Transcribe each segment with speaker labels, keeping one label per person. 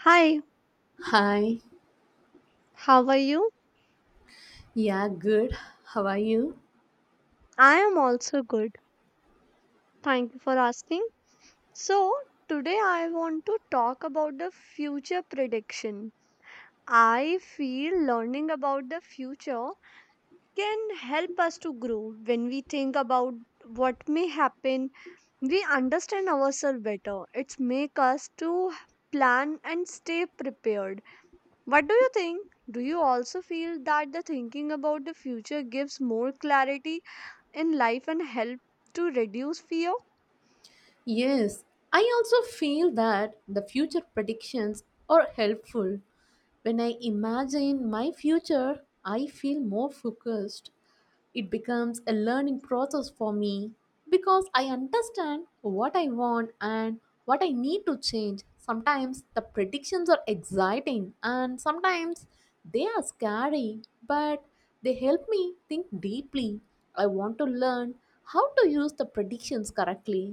Speaker 1: Hi,
Speaker 2: Hi.
Speaker 1: how are you?
Speaker 2: Yeah, good. How are you?
Speaker 1: I am also good. Thank you for asking. So, today I want to talk about the future prediction. I feel learning about the future can help us to grow. When we think about what may happen, we understand ourselves better. It's make us to plan and stay prepared. What do you think? Do you also feel that the thinking about the future gives more clarity in life and help to reduce fear?
Speaker 2: Yes, I also feel that the future predictions are helpful. When I imagine my future, I feel more focused. It becomes a learning process for me because I understand what I want and what I need to change. Sometimes the predictions are exciting and sometimes they are scary, but they help me think deeply. I want to learn how to use the predictions correctly.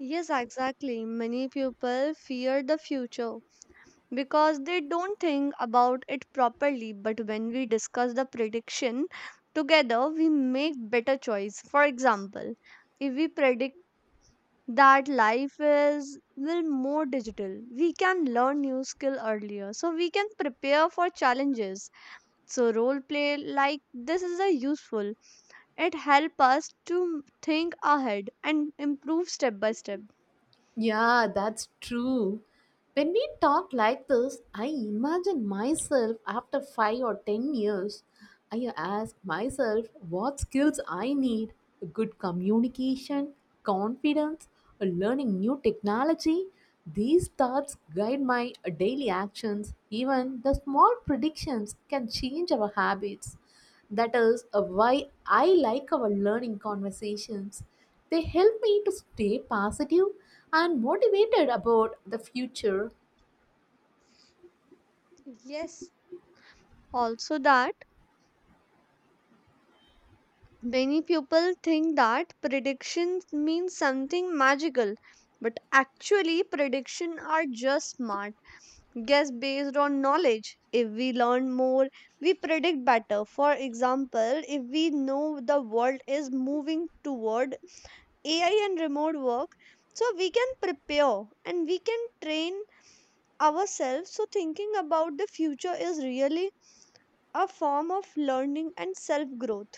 Speaker 1: Yes, exactly. Many people fear the future because they don't think about it properly. But when we discuss the prediction together, we make better choice. For example, if we predict that life is will more digital, we can learn new skill earlier, so we can prepare for challenges. So role play like this is a useful. It helps us to think ahead and improve step by step.
Speaker 2: Yeah, that's true. When we talk like this, I imagine myself after 5 or 10 years. I ask myself what skills I need: good communication, confidence, learning new technology. These thoughts guide my daily actions. Even the small predictions can change our habits. That is why I like our learning conversations. They help me to stay positive and motivated about the future.
Speaker 1: Yes, also, that many people think that predictions mean something magical, but actually, predictions are just smart guess based on knowledge. If we learn more, we predict better. For example, if we know the world is moving toward AI and remote work, so we can prepare and we can train ourselves. So, thinking about the future is really a form of learning and self growth.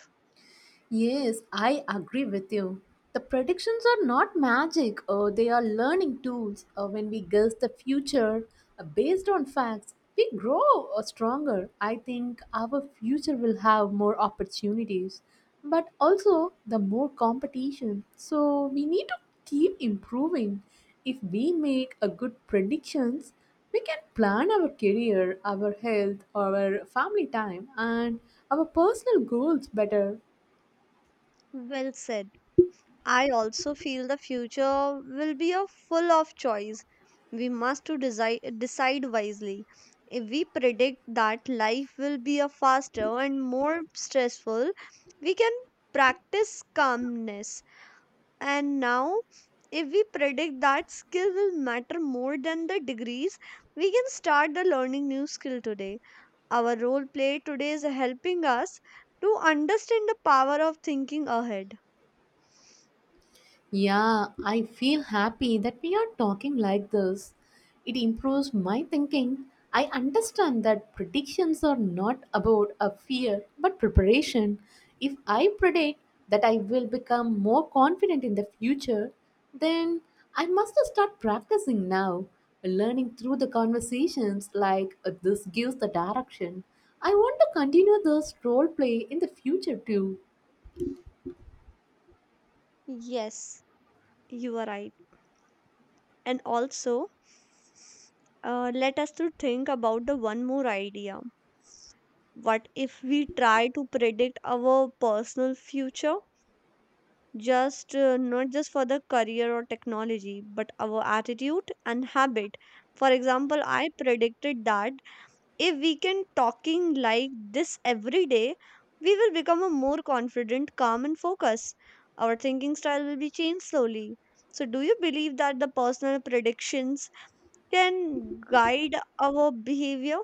Speaker 2: Yes, I agree with you. The predictions are not magic, they are learning tools. When we guess the future based on facts, we grow stronger. I think our future will have more opportunities, but also the more competition. So we need to keep improving. If we make a good predictions, we can plan our career, our health, our family time, and our personal goals better.
Speaker 1: Well said. I also feel the future will be a full of choice. We must to decide, decide wisely. If we predict that life will be a faster and more stressful, we can practice calmness. And now, if we predict that skill will matter more than the degrees, we can start the learning new skill today. Our role play today is helping us to understand the power of thinking ahead.
Speaker 2: Yeah, I feel happy that we are talking like this. It improves my thinking. I understand that predictions are not about a fear but preparation. If I predict that I will become more confident in the future, then I must start practicing now, learning through the conversations like this gives the direction. I want to continue this role play in the future too.
Speaker 1: Yes. You are right. And also, let us to think about the one more idea. What if we try to predict our personal future? Just not just for the career or technology, but our attitude and habit. For example, I predicted that if we can talking like this every day, we will become a more confident, calm and focused. Our thinking style will be changed slowly. So do you believe that the personal predictions can guide our behavior?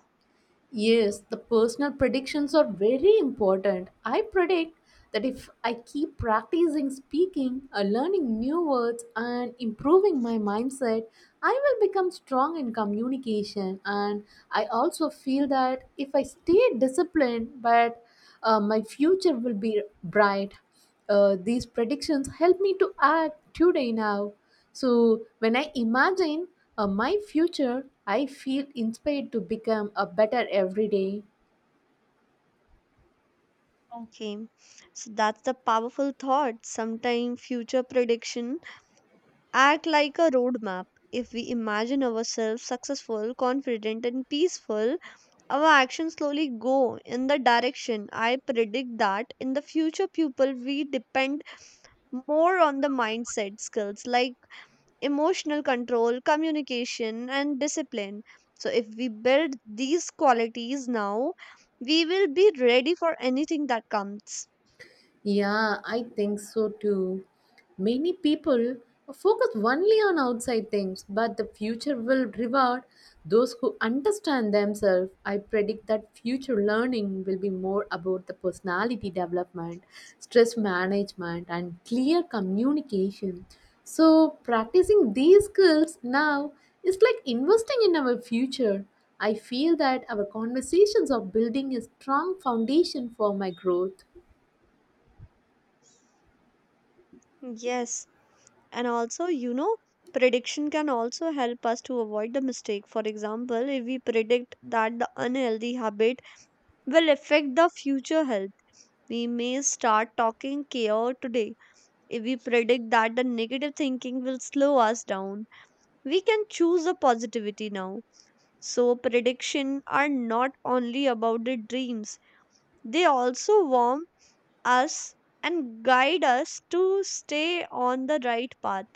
Speaker 2: Yes, the personal predictions are very important. I predict that if I keep practicing speaking, learning new words, and improving my mindset, I will become strong in communication. And I also feel that if I stay disciplined, but my future will be bright. These predictions help me to act today now. So when I imagine my future, I feel inspired to become a better every day.
Speaker 1: Okay. So that's the powerful thought. Sometimes future prediction act like a roadmap. If we imagine ourselves successful, confident and peaceful, our actions slowly go in the direction. I predict that in the future people we depend more on the mindset skills like emotional control, communication and discipline. So if we build these qualities now, we will be ready for anything that comes.
Speaker 2: Yeah, I think so too. Many people focus only on outside things, but the future will reward those who understand themselves. I predict that future learning will be more about the personality development, stress management, and clear communication. So, practicing these skills now is like investing in our future. I feel that our conversations are building a strong foundation for my growth.
Speaker 1: Yes, and also, you know, prediction can also help us to avoid the mistake. For example, if we predict that the unhealthy habit will affect the future health, we may start talking care today. If we predict that the negative thinking will slow us down, we can choose a positivity now. So, prediction are not only about the dreams, they also warm us and guide us to stay on the right path.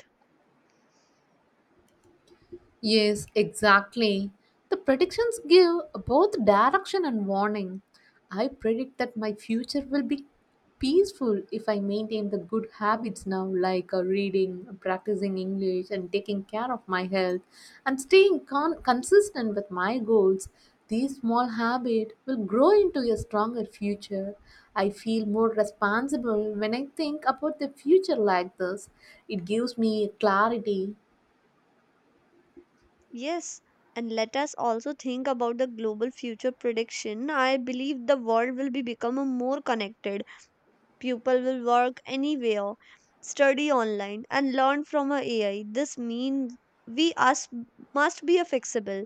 Speaker 2: Yes, exactly. The predictions give both direction and warning. I predict that my future will be peaceful if I maintain the good habits now, like reading, practicing English, and taking care of my health, and staying consistent with my goals. These small habits will grow into a stronger future. I feel more responsible when I think about the future like this. It gives me clarity.
Speaker 1: Yes, and let us also think about the global future prediction. I believe the world will be become a more connected. People will work anywhere, study online, and learn from a AI. This means we us must be a flexible.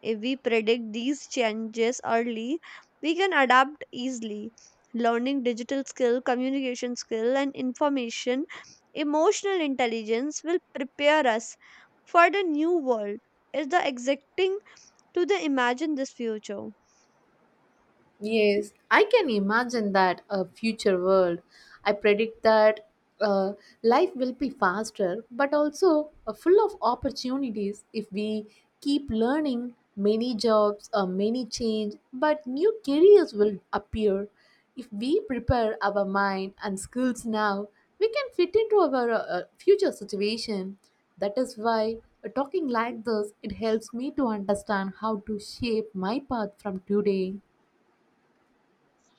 Speaker 1: If we predict these changes early, we can adapt easily. Learning digital skill, communication skill, and information, emotional intelligence will prepare us for the new world. Is the exacting to the imagine this future.
Speaker 2: Yes, I can imagine that a future world. I predict that uh, life will be faster, but also full of opportunities if we keep learning. Many jobs, many change, but new careers will appear. If we prepare our mind and skills now, we can fit into our future situation. That is why talking like this it helps me to understand how to shape my path from today.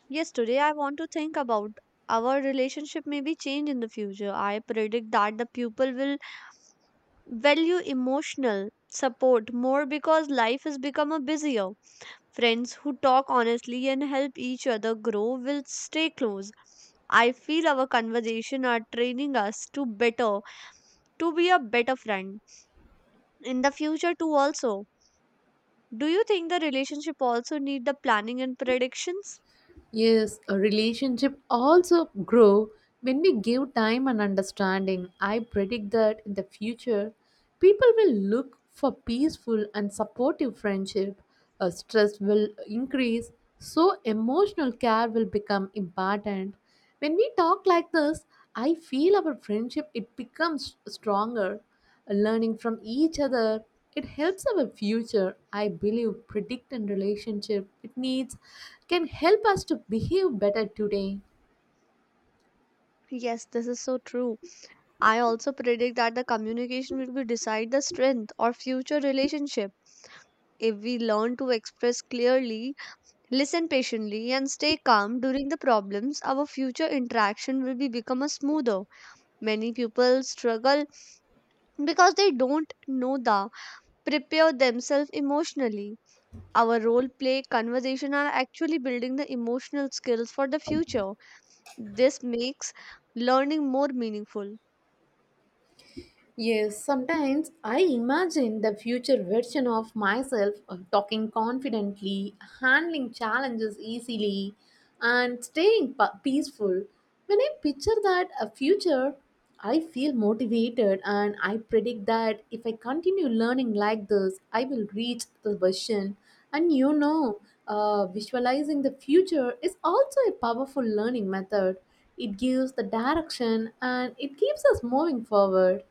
Speaker 1: Yes, today I want to think about our relationship may be changed in the future. I predict that the pupil will value emotional support more because life has become a busier. Friends who talk honestly and help each other grow will stay close. I feel our conversation are training us to better to be a better friend in the future too also. Do you think the relationship also need the planning and predictions?
Speaker 2: Yes, a relationship also grow when we give time and understanding. I predict that in the future, people will look for peaceful and supportive friendship. Stress will increase, so emotional care will become important. When we talk like this, I feel our friendship it becomes stronger, learning from each other. It helps our future. I believe predict and relationship it needs can help us to behave better today.
Speaker 1: Yes, this is so true. I also predict that the communication will be decide the strength or future relationship. If we learn to express clearly, listen patiently, and stay calm during the problems, our future interaction will be become a smoother. Many people struggle because they don't know the prepare themselves emotionally. Our role play conversation are actually building the emotional skills for the future. This makes learning more meaningful.
Speaker 2: Yes, sometimes I imagine the future version of myself talking confidently, handling challenges easily, and staying peaceful. When I picture that a future, I feel motivated, and I predict that if I continue learning like this, I will reach the version. And visualizing the future is also a powerful learning method. It gives the direction, and it keeps us moving forward.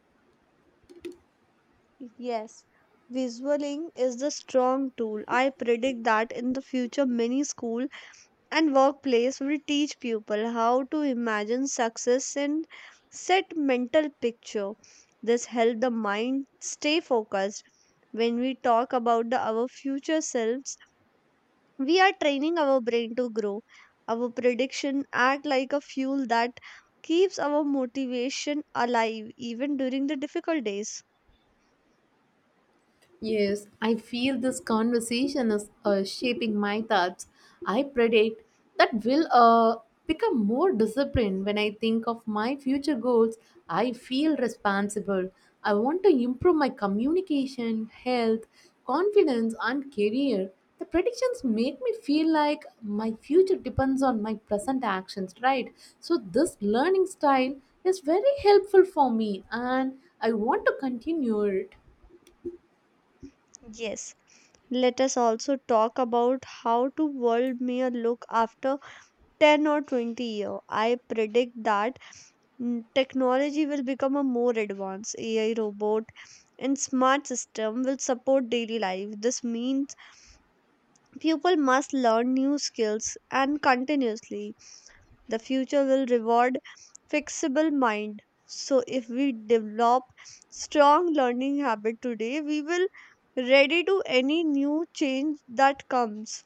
Speaker 1: Yes, visualing is the strong tool. I predict that in the future, many school and workplace will teach people how to imagine success and set mental picture. This help the mind stay focused. When we talk about the, our future selves, we are training our brain to grow. Our prediction act like a fuel that keeps our motivation alive even during the difficult days.
Speaker 2: Yes, I feel this conversation is shaping my thoughts. I predict that will become more disciplined when I think of my future goals. I feel responsible. I want to improve my communication, health, confidence, and career. The predictions make me feel like my future depends on my present actions, right? So, this learning style is very helpful for me, and I want to continue it.
Speaker 1: Yes. Let us also talk about how to world may look after 10 or 20 year. I predict that technology will become a more advanced AI robot and smart system will support daily life. This means people must learn new skills and continuously. The future will reward flexible mind. So if we develop strong learning habit today, we will ready to any new change that comes.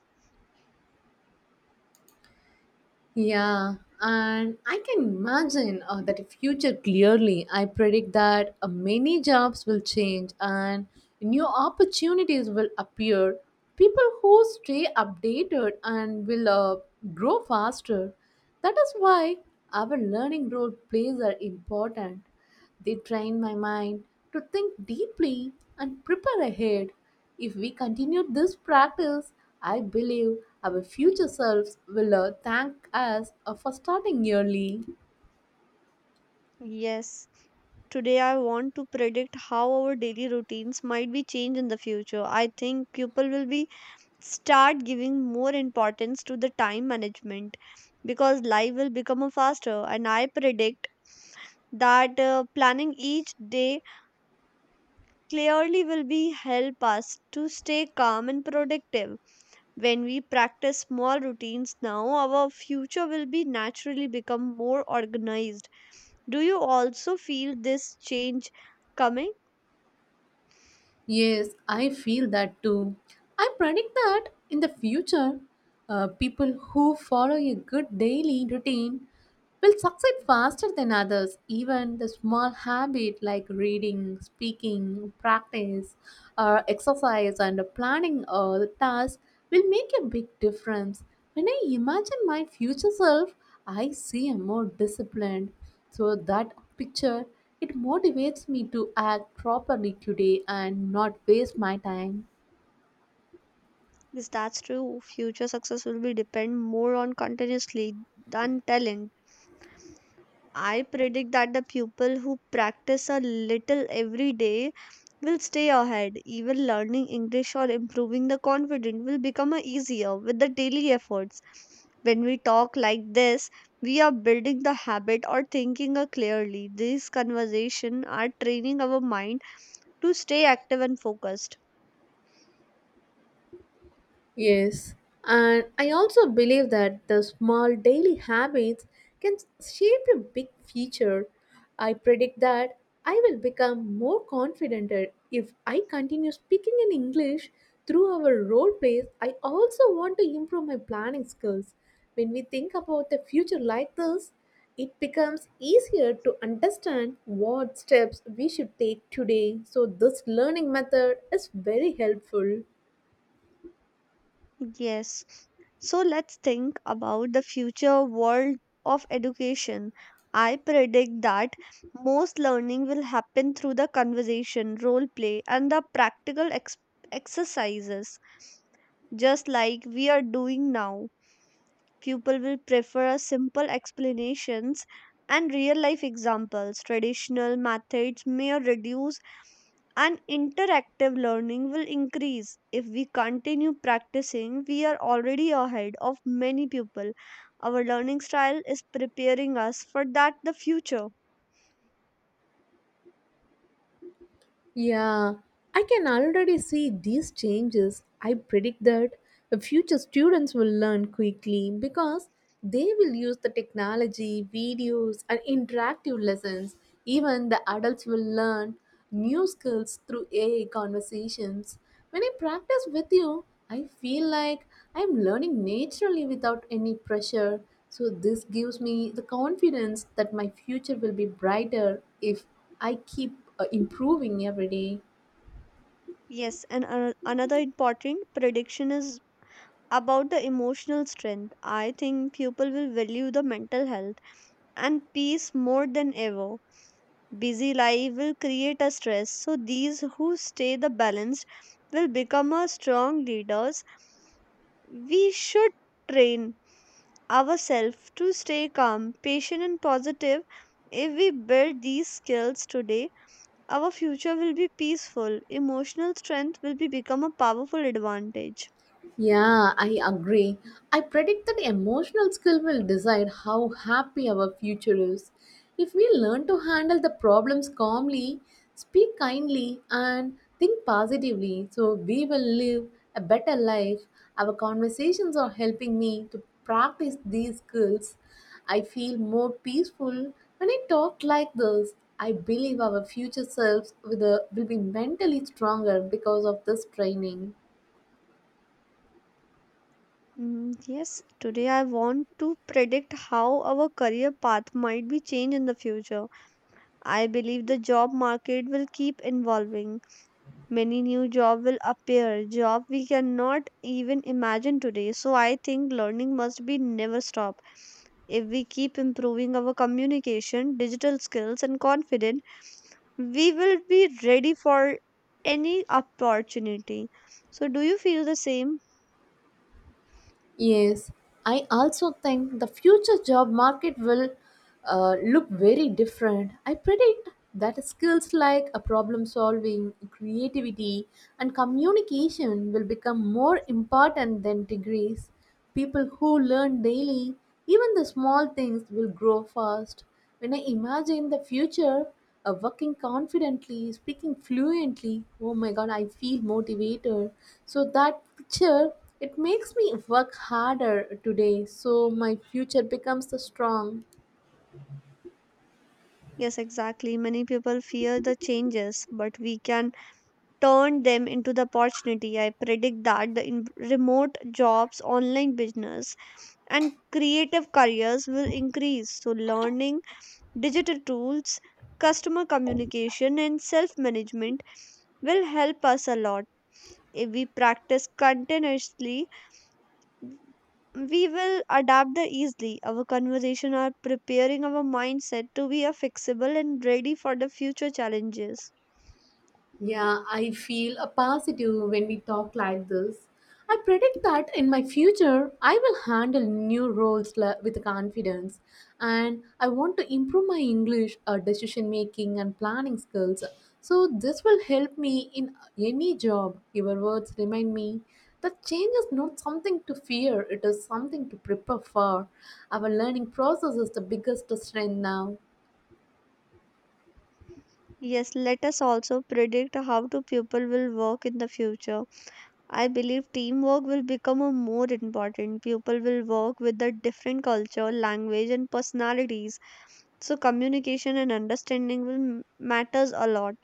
Speaker 2: Yeah, and I can imagine that in future clearly. I predict that many jobs will change and new opportunities will appear. People who stay updated and will grow faster. That is why our learning role plays are important. They train my mind to think deeply and prepare ahead. If we continue this practice, I believe our future selves will thank us for starting early.
Speaker 1: Yes, today I want to predict how our daily routines might be changed in the future. I think people will be start giving more importance to the time management because life will become a faster and I predict that planning each day clearly will be help us to stay calm and productive. When we practice small routines now, our future will be naturally become more organized. Do you also feel this change coming?
Speaker 2: Yes, I feel that too. I predict that in the future, people who follow a good daily routine will succeed faster than others. Even the small habit like reading, speaking, practice, or exercise and planning the task will make a big difference. When I imagine my future self, I see a more disciplined. So that picture, it motivates me to act properly today and not waste my time.
Speaker 1: Yes, that's true. Future success will be depend more on continuously than talent. I predict that the people who practice a little every day will stay ahead. Even learning English or improving the confidence will become a easier with the daily efforts. When we talk like this, we are building the habit or thinking clearly. These conversations are training our mind to stay active and focused.
Speaker 2: Yes, and I also believe that the small daily habits can shape a big future. I predict that I will become more confident if I continue speaking in English through our role plays. I also want to improve my planning skills. When we think about the future like this, it becomes easier to understand what steps we should take today. So, this learning method is very helpful.
Speaker 1: Yes. So let's think about the future world of education. I predict that most learning will happen through the conversation, role play, and the practical exercises, just like we are doing now. People will prefer a simple explanations and real life examples. Traditional methods may reduce and interactive learning will increase. If we continue practicing, we are already ahead of many people. Our learning style is preparing us for that the future.
Speaker 2: Yeah, I can already see these changes. I predict that the future students will learn quickly because they will use the technology, videos, and interactive lessons. Even the adults will learn new skills through AI conversations. When I practice with you, I feel like I'm learning naturally without any pressure. So, this gives me the confidence that my future will be brighter if I keep improving every day.
Speaker 1: Yes, and another important prediction is about the emotional strength. I think people will value the mental health and peace more than ever. Busy life will create a stress. So these who stay the balanced will become a strong leaders. We should train ourselves to stay calm, patient and positive. If we build these skills today, our future will be peaceful. Emotional strength will be become a powerful advantage.
Speaker 2: Yeah, I agree. I predict that emotional skill will decide how happy our future is. If we learn to handle the problems calmly, speak kindly, and think positively, so we will live a better life. Our conversations are helping me to practice these skills. I feel more peaceful when I talk like this. I believe our future selves with will be mentally stronger because of this training.
Speaker 1: Yes, today I want to predict how our career path might be changed in the future. I believe the job market will keep evolving. Many new job will appear, job we cannot even imagine today. So I think learning must be never stop. If we keep improving our communication, digital skills and confidence, we will be ready for any opportunity. So do you feel the same?
Speaker 2: Yes, I also think the future job market will look very different. I predict that skills like a problem solving, creativity, and communication will become more important than degrees. People who learn daily, even the small things, will grow fast. When I imagine the future, working confidently, speaking fluently, oh my god, I feel motivated. So that picture, it makes me work harder today. So my future becomes strong.
Speaker 1: Yes, exactly. Many people fear the changes but we can turn them into the opportunity. I predict that the remote jobs, online business and creative careers will increase. So, learning digital tools, customer communication, and self management will help us a lot. If we practice continuously, we will adapt the easily. Our conversation are preparing our mindset to be a flexible and ready for the future challenges.
Speaker 2: Yeah, I feel a positive when we talk like this. I predict that in my future, I will handle new roles with confidence, and I want to improve my English, decision making, and planning skills. So, this will help me in any job. Your words remind me that change is not something to fear, it is something to prepare for. Our learning process is the biggest strength now.
Speaker 1: Yes, let us also predict how to people will work in the future. I believe teamwork will become a more important. People will work with the different culture, language, and personalities. So communication and understanding will matters a lot.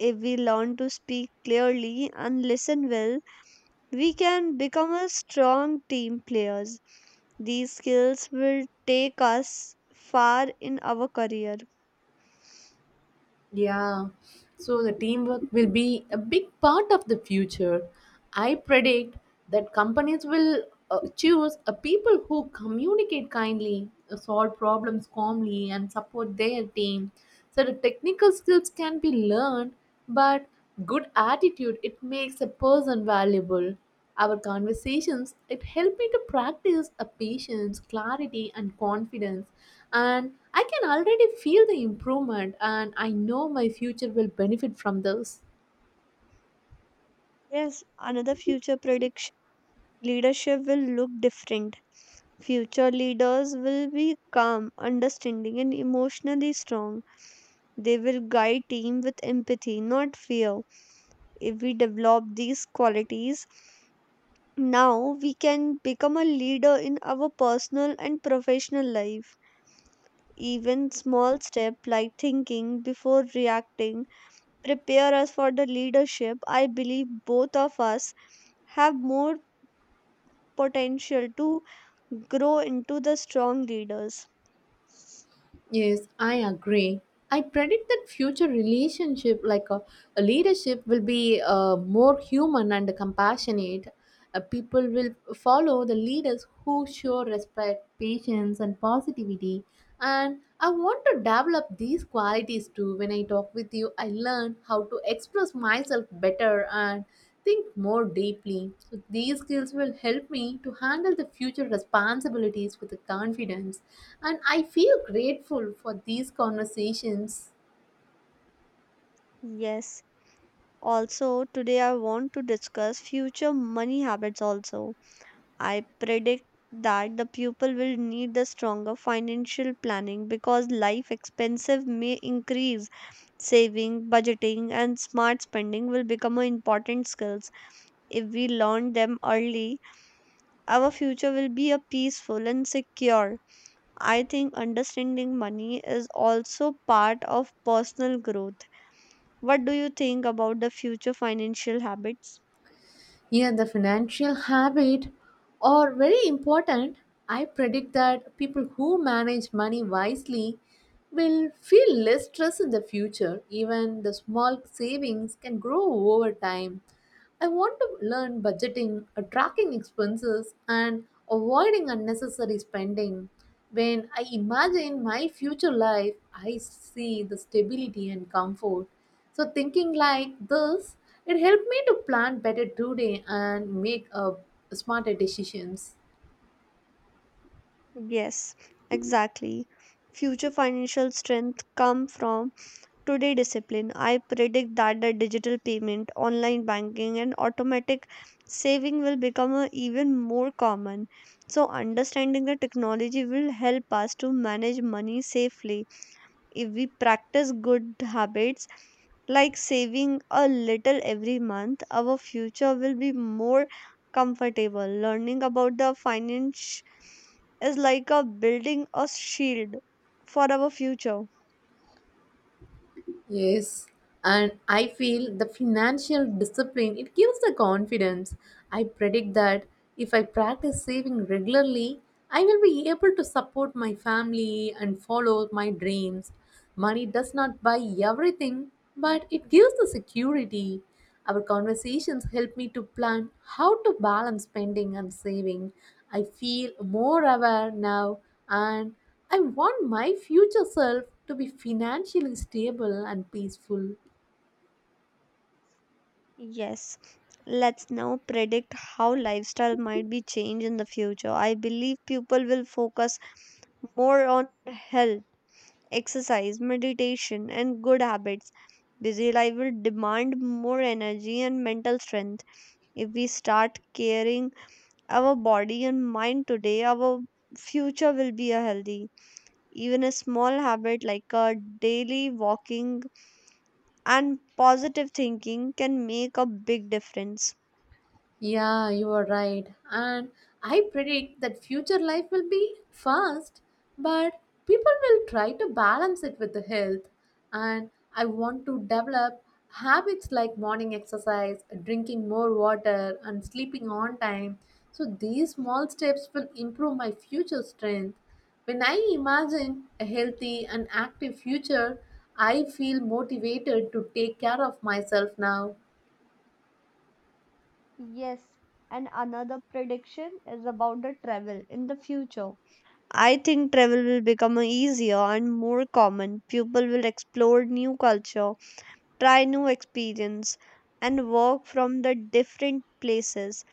Speaker 1: If we learn to speak clearly and listen well, we can become a strong team players. These skills will take us far in our career.
Speaker 2: Yeah, so the teamwork will be a big part of the future. I predict that companies will choose a people who communicate kindly, solve problems calmly, and support their team. So the technical skills can be learned, but good attitude it makes a person valuable. Our conversations, it helped me to practice a patience, clarity, and confidence. And I can already feel the improvement, and I know my future will benefit from those.
Speaker 1: Yes, another future prediction, leadership will look different. Future leaders will be calm, understanding, and emotionally strong. They will guide team with empathy, not fear. If we develop these qualities, now we can become a leader in our personal and professional life. Even small step like thinking before reacting prepare us for the leadership. I believe both of us have more potential to grow into the strong leaders.
Speaker 2: Yes, I agree. I predict that future relationship, like a leadership, will be more human and compassionate. People will follow the leaders who show respect, patience, and positivity. And I want to develop these qualities too. When I talk with you, I learn how to express myself better and think more deeply. So these skills will help me to handle the future responsibilities with confidence, and I feel grateful for these conversations.
Speaker 1: Yes. Also, today I want to discuss future money habits also. I predict that the people will need the stronger financial planning because life expenses may increase. Saving, budgeting and smart spending will become a important skills. If we learn them early, our future will be a peaceful and secure. I think understanding money is also part of personal growth. What do you think about the future financial habits?
Speaker 2: Yeah, the financial habit are very important. I predict that people who manage money wisely will feel less stress in the future. Even the small savings can grow over time. I want to learn budgeting, tracking expenses, and avoiding unnecessary spending. When I imagine my future life, I see the stability and comfort. So, thinking like this, it helped me to plan better today and make smarter decisions.
Speaker 1: Yes, exactly. Future financial strength come from today discipline. I predict that the digital payment, online banking and automatic saving will become a even more common. So understanding the technology will help us to manage money safely. If we practice good habits like saving a little every month, our future will be more comfortable. Learning about the finance is like a building a shield for our future.
Speaker 2: Yes, and I feel the financial discipline it gives the confidence. I predict that if I practice saving regularly, I will be able to support my family and follow my dreams. Money does not buy everything, but it gives the security. Our conversations help me to plan how to balance spending and saving. I feel more aware now, and I want my future self to be financially stable and peaceful.
Speaker 1: Yes, let's now predict how lifestyle might be changed in the future. I believe people will focus more on health, exercise, meditation, and good habits. Busy life will demand more energy and mental strength. If we start caring our body and mind today, our future will be a healthy. Even a small habit like a daily walking and positive thinking can make a big difference.
Speaker 2: Yeah, you are right. And I predict that future life will be fast, but people will try to balance it with the health. And I want to develop habits like morning exercise, drinking more water, and sleeping on time. So these small steps will improve my future strength. When I imagine a healthy and active future, I feel motivated to take care of myself now.
Speaker 1: Yes, and another prediction is about the travel in the future. I think travel will become easier and more common. People will explore new culture, try new experience, and work from the different places.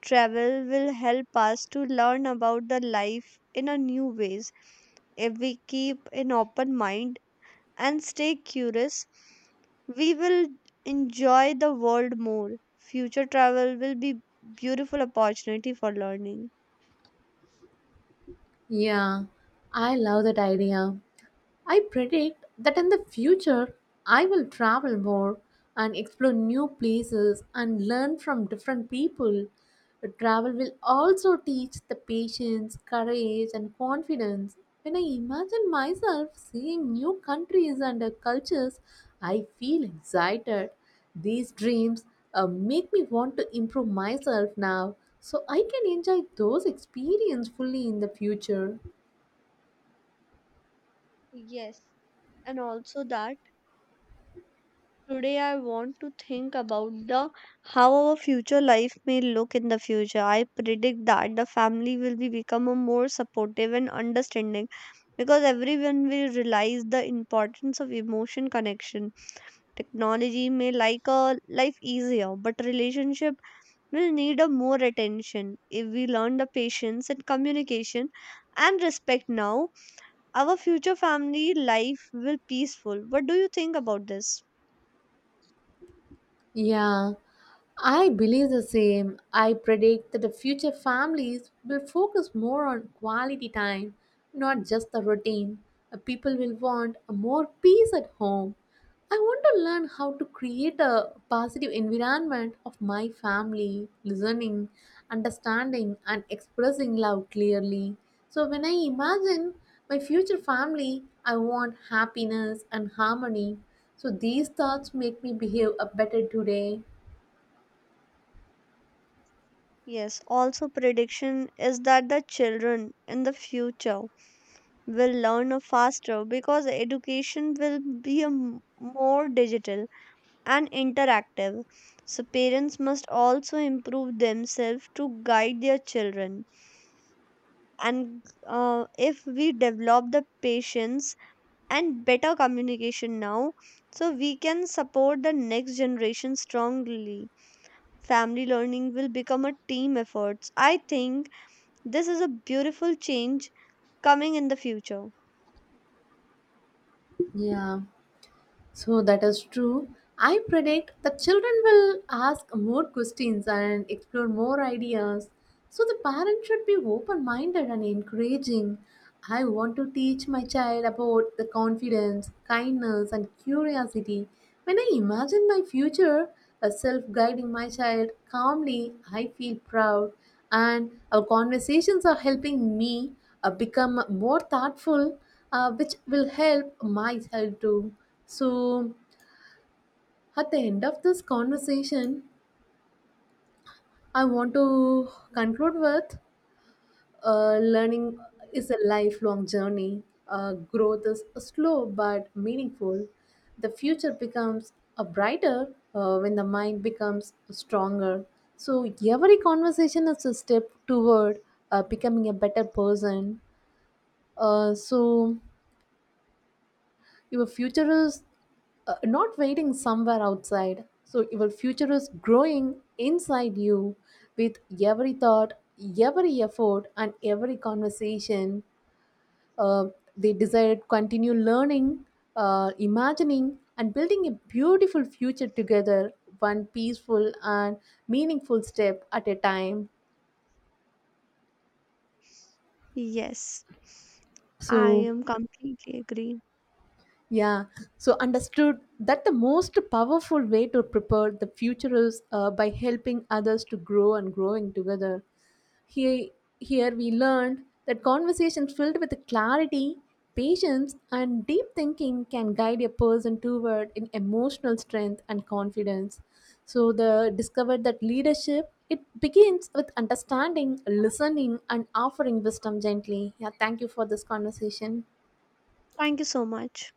Speaker 1: Travel will help us to learn about the life in a new ways. If we keep an open mind and stay curious, we will enjoy the world more. Future travel will be beautiful opportunity for learning.
Speaker 2: Yeah, I love that idea. I predict that in the future, I will travel more and explore new places and learn from different people. Travel will also teach the patience, courage, and confidence. When I imagine myself seeing new countries and cultures, I feel excited. These dreams make me want to improve myself now so I can enjoy those experiences fully in the future.
Speaker 1: Yes, and also that today, I want to think about the how our future life may look in the future. I predict that the family will be become a more supportive and understanding because everyone will realize the importance of emotion connection. Technology may like a life easier, but relationship will need a more attention. If we learn the patience and communication and respect now, our future family life will peaceful. What do you think about this?
Speaker 2: Yeah, I believe the same. I predict that the future families will focus more on quality time, not just the routine. People will want more peace at home. I want to learn how to create a positive environment of my family, listening, understanding, and expressing love clearly. So, when I imagine my future family, I want happiness and harmony, so these thoughts make me behave a better today.
Speaker 1: Yes, also prediction is that the children in the future will learn a faster because education will be a more digital and interactive. So parents must also improve themselves to guide their children. And if we develop the patience and better communication now, so we can support the next generation strongly. Family learning will become a team effort. I think this is a beautiful change coming in the future.
Speaker 2: Yeah. So that is true. I predict that children will ask more questions and explore more ideas. So the parent should be open minded and encouraging. I want to teach my child about the confidence, kindness, and curiosity. When I imagine my future as self guiding my child calmly, I feel proud. And our conversations are helping me become more thoughtful, which will help myself too. So, at the end of this conversation, I want to conclude with learning is a lifelong journey. Growth is slow but meaningful. The future becomes a brighter when the mind becomes stronger. So, every conversation is a step toward becoming a better person. So, your future is not waiting somewhere outside, so your future is growing inside you with every thought, every effort, and every conversation. uh, they desire to continue learning, imagining, and building a beautiful future together, one peaceful and meaningful step at a time,
Speaker 1: Yes, I
Speaker 2: so.
Speaker 1: am completely agree.
Speaker 2: Yeah, so understood that the most powerful way to prepare the future is by helping others to grow and growing together. Here, here we learned that conversations filled with clarity, patience, and deep thinking can guide a person toward in emotional strength and confidence. So the discovered that leadership it begins with understanding, listening, and offering wisdom gently. Yeah, thank you for this conversation.
Speaker 1: Thank you so much.